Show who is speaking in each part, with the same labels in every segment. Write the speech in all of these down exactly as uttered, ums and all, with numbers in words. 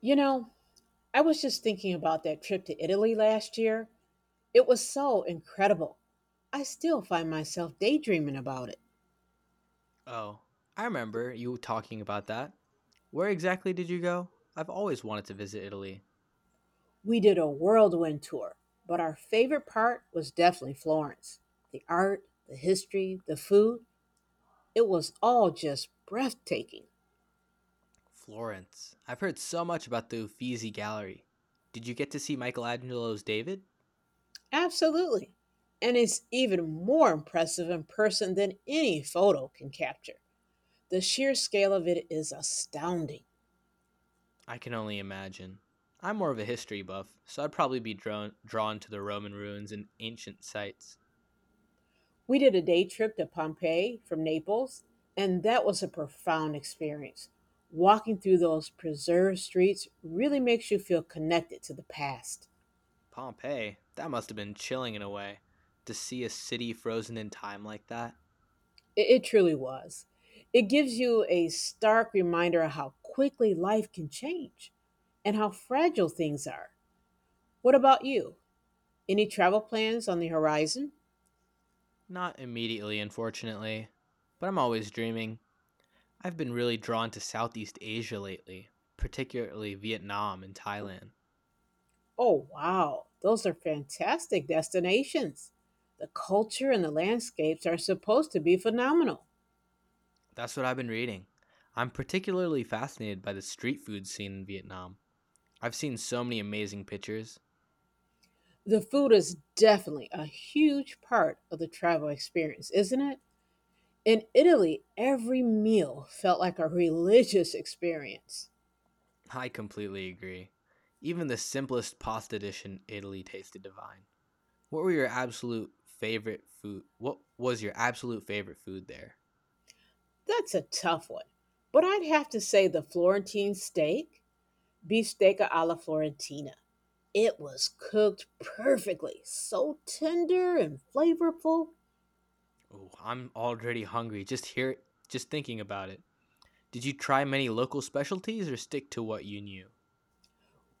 Speaker 1: You know, I was just thinking about that trip to Italy last year. It was so incredible. I still find myself daydreaming about it.
Speaker 2: Oh, I remember you talking about that. Where exactly did you go? I've always wanted to visit Italy.
Speaker 1: We did a whirlwind tour, but our favorite part was definitely Florence. The art, the history, the food, it was all just breathtaking.
Speaker 2: Florence. I've heard so much about the Uffizi Gallery. Did you get to see Michelangelo's David?
Speaker 1: Absolutely. And it's even more impressive in person than any photo can capture. The sheer scale of it is astounding.
Speaker 2: I can only imagine. I'm more of a history buff, so I'd probably be drawn drawn to the Roman ruins and ancient sites.
Speaker 1: We did a day trip to Pompeii from Naples, and that was a profound experience. Walking through those preserved streets really makes you feel connected to the past.
Speaker 2: Pompeii. That must have been chilling in a way to see a city frozen in time like that.
Speaker 1: It, it truly was. It gives you a stark reminder of how quickly life can change and how fragile things are. What about you? Any travel plans on the horizon?
Speaker 2: Not immediately, unfortunately, but I'm always dreaming. I've been really drawn to Southeast Asia lately, particularly Vietnam and Thailand.
Speaker 1: Oh, wow, those are fantastic destinations. The culture and the landscapes are supposed to be phenomenal.
Speaker 2: That's what I've been reading. I'm particularly fascinated by the street food scene in Vietnam. I've seen so many amazing pictures.
Speaker 1: The food is definitely a huge part of the travel experience, isn't it? In Italy, every meal felt like a religious experience.
Speaker 2: I completely agree. Even the simplest pasta dish in Italy tasted divine. What were your absolute favorite food? What was your absolute favorite food there?
Speaker 1: That's a tough one. But I'd have to say the Florentine steak, beefsteak alla Florentina. It was cooked perfectly, so tender and flavorful.
Speaker 2: Oh, I'm already hungry just hear just thinking about it. Did you try many local specialties or stick to what you knew?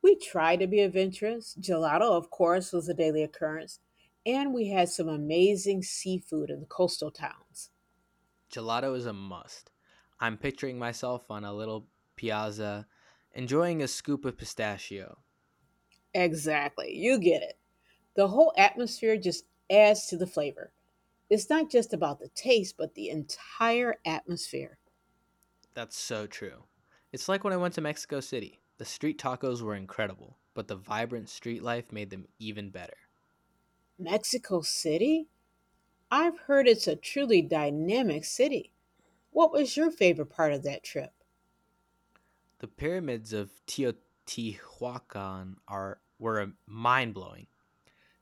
Speaker 1: We tried to be adventurous. Gelato, of course, was a daily occurrence, and we had some amazing seafood in the coastal towns.
Speaker 2: Gelato is a must. I'm picturing myself on a little piazza, enjoying a scoop of pistachio.
Speaker 1: Exactly. You get it. The whole atmosphere just adds to the flavor. It's not just about the taste, but the entire atmosphere.
Speaker 2: That's so true. It's like when I went to Mexico City. The street tacos were incredible, but the vibrant street life made them even better.
Speaker 1: Mexico City? I've heard it's a truly dynamic city. What was your favorite part of that trip?
Speaker 2: The pyramids of Teotihuacan are were mind blowing.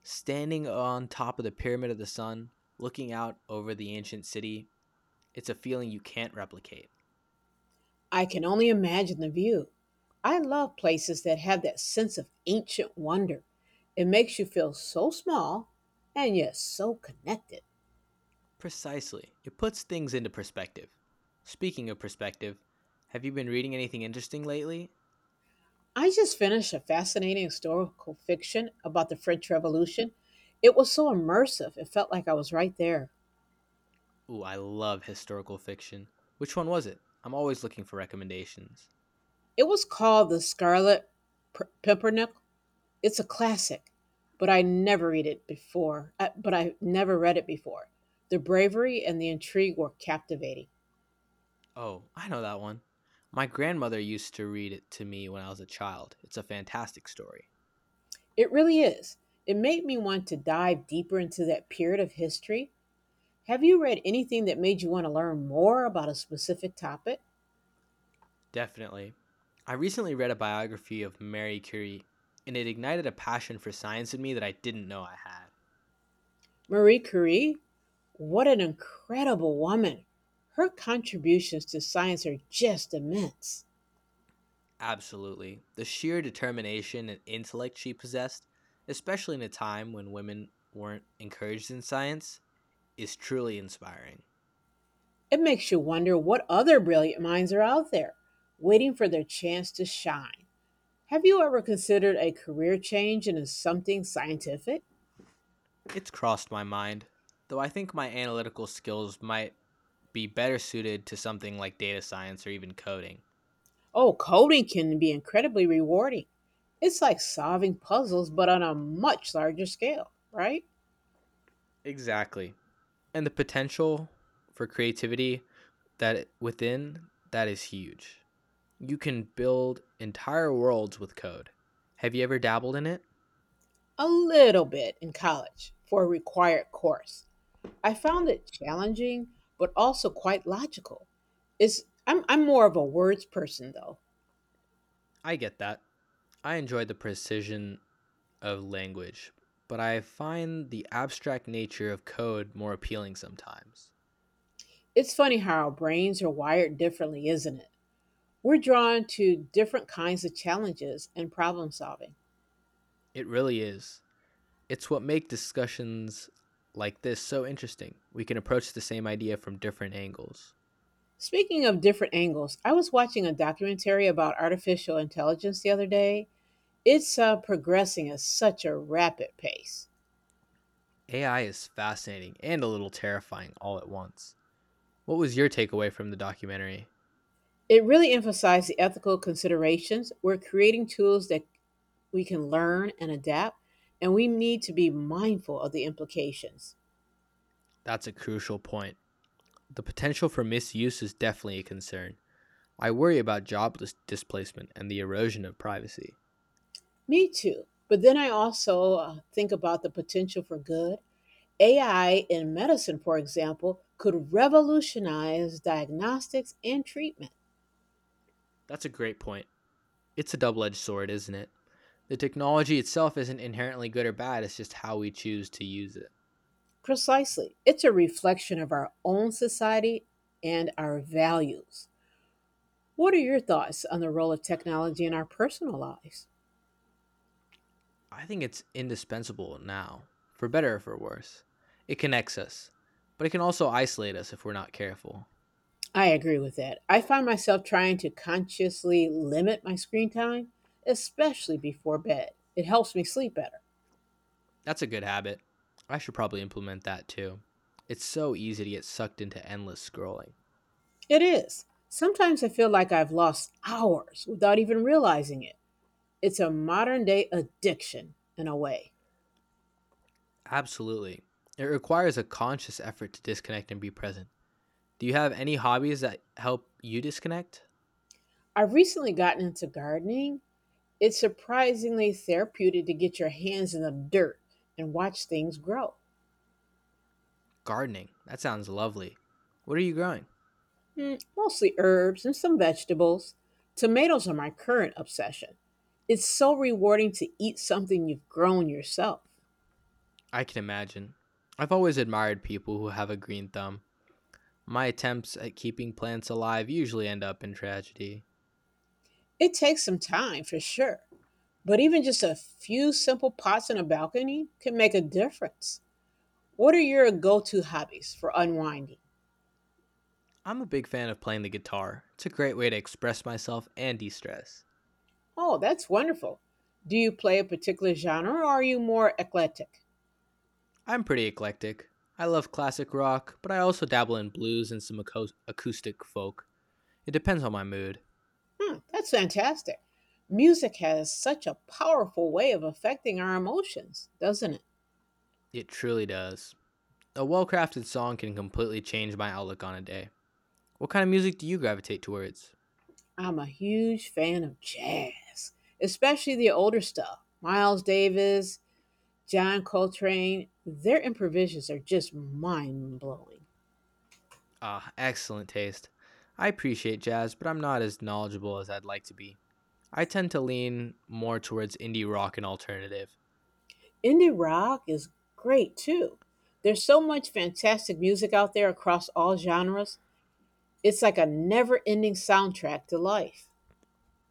Speaker 2: Standing on top of the Pyramid of the Sun, looking out over the ancient city, it's a feeling you can't replicate.
Speaker 1: I can only imagine the view. I love places that have that sense of ancient wonder. It makes you feel so small and yet so connected.
Speaker 2: Precisely. It puts things into perspective. Speaking of perspective, have you been reading anything interesting lately?
Speaker 1: I just finished a fascinating historical fiction about the French Revolution. It was so immersive, it felt like I was right there.
Speaker 2: Ooh, I love historical fiction. Which one was it? I'm always looking for recommendations.
Speaker 1: It was called The Scarlet P- Pimpernel. It's a classic, but I never read it before. Uh, But I never read it before. The bravery and the intrigue were captivating.
Speaker 2: Oh, I know that one. My grandmother used to read it to me when I was a child. It's a fantastic story.
Speaker 1: It really is. It made me want to dive deeper into that period of history. Have you read anything that made you want to learn more about a specific topic?
Speaker 2: Definitely. I recently read a biography of Marie Curie, and it ignited a passion for science in me that I didn't know I had.
Speaker 1: Marie Curie, what an incredible woman. Her contributions to science are just immense.
Speaker 2: Absolutely. The sheer determination and intellect she possessed, especially in a time when women weren't encouraged in science, is truly inspiring.
Speaker 1: It makes you wonder what other brilliant minds are out there waiting for their chance to shine. Have you ever considered a career change into something scientific?
Speaker 2: It's crossed my mind, though I think my analytical skills might be better suited to something like data science or even coding.
Speaker 1: Oh, coding can be incredibly rewarding. It's like solving puzzles, but on a much larger scale, right?
Speaker 2: Exactly. And the potential for creativity that within that is huge. You can build entire worlds with code. Have you ever dabbled in it?
Speaker 1: A little bit in college for a required course. I found it challenging, but also quite logical. It's I'm I'm more of a words person though.
Speaker 2: I get that. I enjoy the precision of language, but I find the abstract nature of code more appealing sometimes.
Speaker 1: It's funny how our brains are wired differently, isn't it? We're drawn to different kinds of challenges and problem solving.
Speaker 2: It really is. It's what makes discussions like this so interesting. We can approach the same idea from different angles.
Speaker 1: Speaking of different angles, I was watching a documentary about artificial intelligence the other day. It's uh, progressing at such a rapid pace.
Speaker 2: A I is fascinating and a little terrifying all at once. What was your takeaway from the documentary?
Speaker 1: It really emphasized the ethical considerations. We're creating tools that we can learn and adapt, and we need to be mindful of the implications.
Speaker 2: That's a crucial point. The potential for misuse is definitely a concern. I worry about job displacement and the erosion of privacy.
Speaker 1: Me too. But then I also uh, think about the potential for good. A I in medicine, for example, could revolutionize diagnostics and treatment.
Speaker 2: That's a great point. It's a double edged sword, isn't it? The technology itself isn't inherently good or bad, it's just how we choose to use it.
Speaker 1: Precisely. It's a reflection of our own society and our values. What are your thoughts on the role of technology in our personal lives?
Speaker 2: I think it's indispensable now, for better or for worse. It connects us, but it can also isolate us if we're not careful.
Speaker 1: I agree with that. I find myself trying to consciously limit my screen time, especially before bed. It helps me sleep better.
Speaker 2: That's a good habit. I should probably implement that too. It's so easy to get sucked into endless scrolling.
Speaker 1: It is. Sometimes I feel like I've lost hours without even realizing it. It's a modern day addiction in a way.
Speaker 2: Absolutely. It requires a conscious effort to disconnect and be present. Do you have any hobbies that help you disconnect?
Speaker 1: I've recently gotten into gardening. It's surprisingly therapeutic to get your hands in the dirt and watch things grow.
Speaker 2: Gardening. That sounds lovely. What are you growing?
Speaker 1: Mm, mostly herbs and some vegetables. Tomatoes are my current obsession. It's so rewarding to eat something you've grown yourself.
Speaker 2: I can imagine. I've always admired people who have a green thumb. My attempts at keeping plants alive usually end up in tragedy.
Speaker 1: It takes some time for sure, but even just a few simple pots on a balcony can make a difference. What are your go to hobbies for unwinding?
Speaker 2: I'm a big fan of playing the guitar. It's a great way to express myself and de stress.
Speaker 1: Oh, that's wonderful. Do you play a particular genre or are you more eclectic?
Speaker 2: I'm pretty eclectic. I love classic rock, but I also dabble in blues and some aco- acoustic folk. It depends on my mood.
Speaker 1: Hmm, that's fantastic. Music has such a powerful way of affecting our emotions, doesn't it?
Speaker 2: It truly does. A well crafted song can completely change my outlook on a day. What kind of music do you gravitate towards?
Speaker 1: I'm a huge fan of jazz, especially the older stuff. Miles Davis, John Coltrane, their improvisations are just mind blowing.
Speaker 2: Ah, excellent taste. I appreciate jazz, but I'm not as knowledgeable as I'd like to be. I tend to lean more towards indie rock and alternative.
Speaker 1: Indie rock is great too. There's so much fantastic music out there across all genres. It's like a never ending soundtrack to life.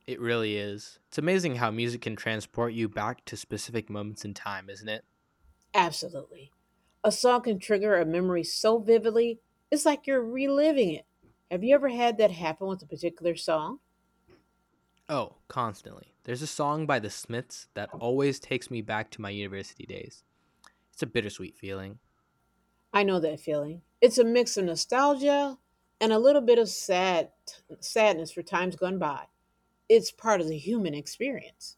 Speaker 2: It really is. It's amazing how music can transport you back to specific moments in time, isn't it?
Speaker 1: Absolutely. A song can trigger a memory so vividly, it's like you're reliving it. Have you ever had that happen with a particular song?
Speaker 2: Oh, constantly. There's a song by The Smiths that always takes me back to my university days. It's a bittersweet feeling.
Speaker 1: I know that feeling. It's a mix of nostalgia and a little bit of sad sadness for times gone by. It's part of the human experience.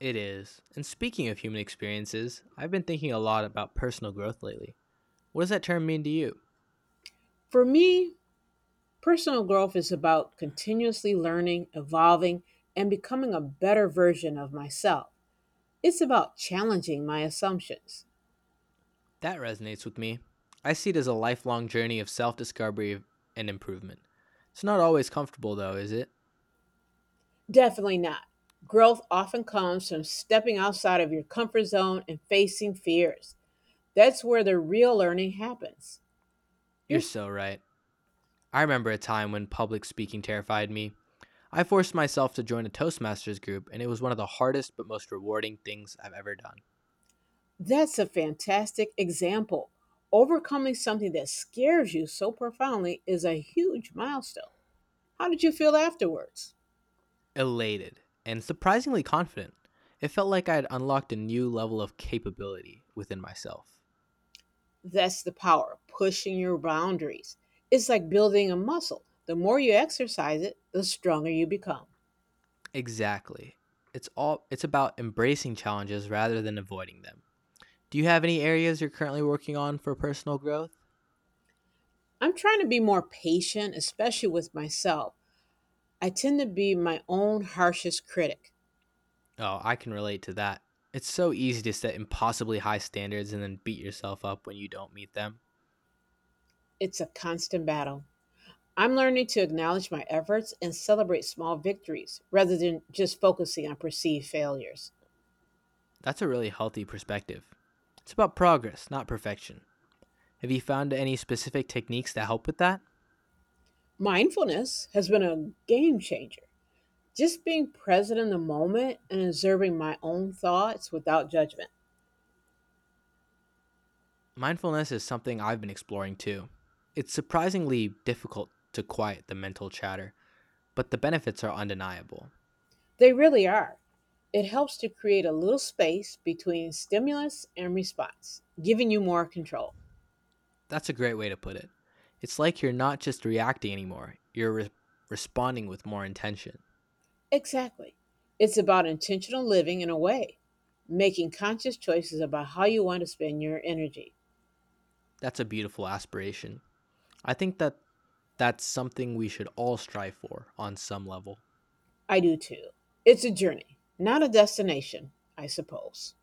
Speaker 2: It is. And speaking of human experiences, I've been thinking a lot about personal growth lately. What does that term mean to you?
Speaker 1: For me, personal growth is about continuously learning, evolving, and becoming a better version of myself. It's about challenging my assumptions.
Speaker 2: That resonates with me. I see it as a lifelong journey of self discovery and improvement. It's not always comfortable, though, is it?
Speaker 1: Definitely not. Growth often comes from stepping outside of your comfort zone and facing fears. That's where the real learning happens.
Speaker 2: You're
Speaker 1: You're
Speaker 2: so right. I remember a time when public speaking terrified me. I forced myself to join a Toastmasters group, and it was one of the hardest but most rewarding things I've ever done.
Speaker 1: That's a fantastic example. Overcoming something that scares you so profoundly is a huge milestone. How did you feel afterwards?
Speaker 2: Elated and surprisingly confident. It felt like I had unlocked a new level of capability within myself.
Speaker 1: That's the power of pushing your boundaries. It's like building a muscle. The more you exercise it, the stronger you become.
Speaker 2: Exactly. It's all it's about embracing challenges rather than avoiding them. Do you have any areas you're currently working on for personal growth?
Speaker 1: I'm trying to be more patient, especially with myself. I tend to be my own harshest critic.
Speaker 2: Oh, I can relate to that. It's so easy to set impossibly high standards and then beat yourself up when you don't meet them.
Speaker 1: It's a constant battle. I'm learning to acknowledge my efforts and celebrate small victories rather than just focusing on perceived failures.
Speaker 2: That's a really healthy perspective. It's about progress, not perfection. Have you found any specific techniques that help with that?
Speaker 1: Mindfulness has been a game changer. Just being present in the moment and observing my own thoughts without judgment.
Speaker 2: Mindfulness is something I've been exploring too. It's surprisingly difficult to quiet the mental chatter, but the benefits are undeniable.
Speaker 1: They really are. It helps to create a little space between stimulus and response, giving you more control.
Speaker 2: That's a great way to put it. It's like you're not just reacting anymore, you're re- responding with more intention.
Speaker 1: Exactly. It's about intentional living in a way, making conscious choices about how you want to spend your energy.
Speaker 2: That's a beautiful aspiration. I think that that's something we should all strive for on some level.
Speaker 1: I do too. It's a journey, not a destination, I suppose.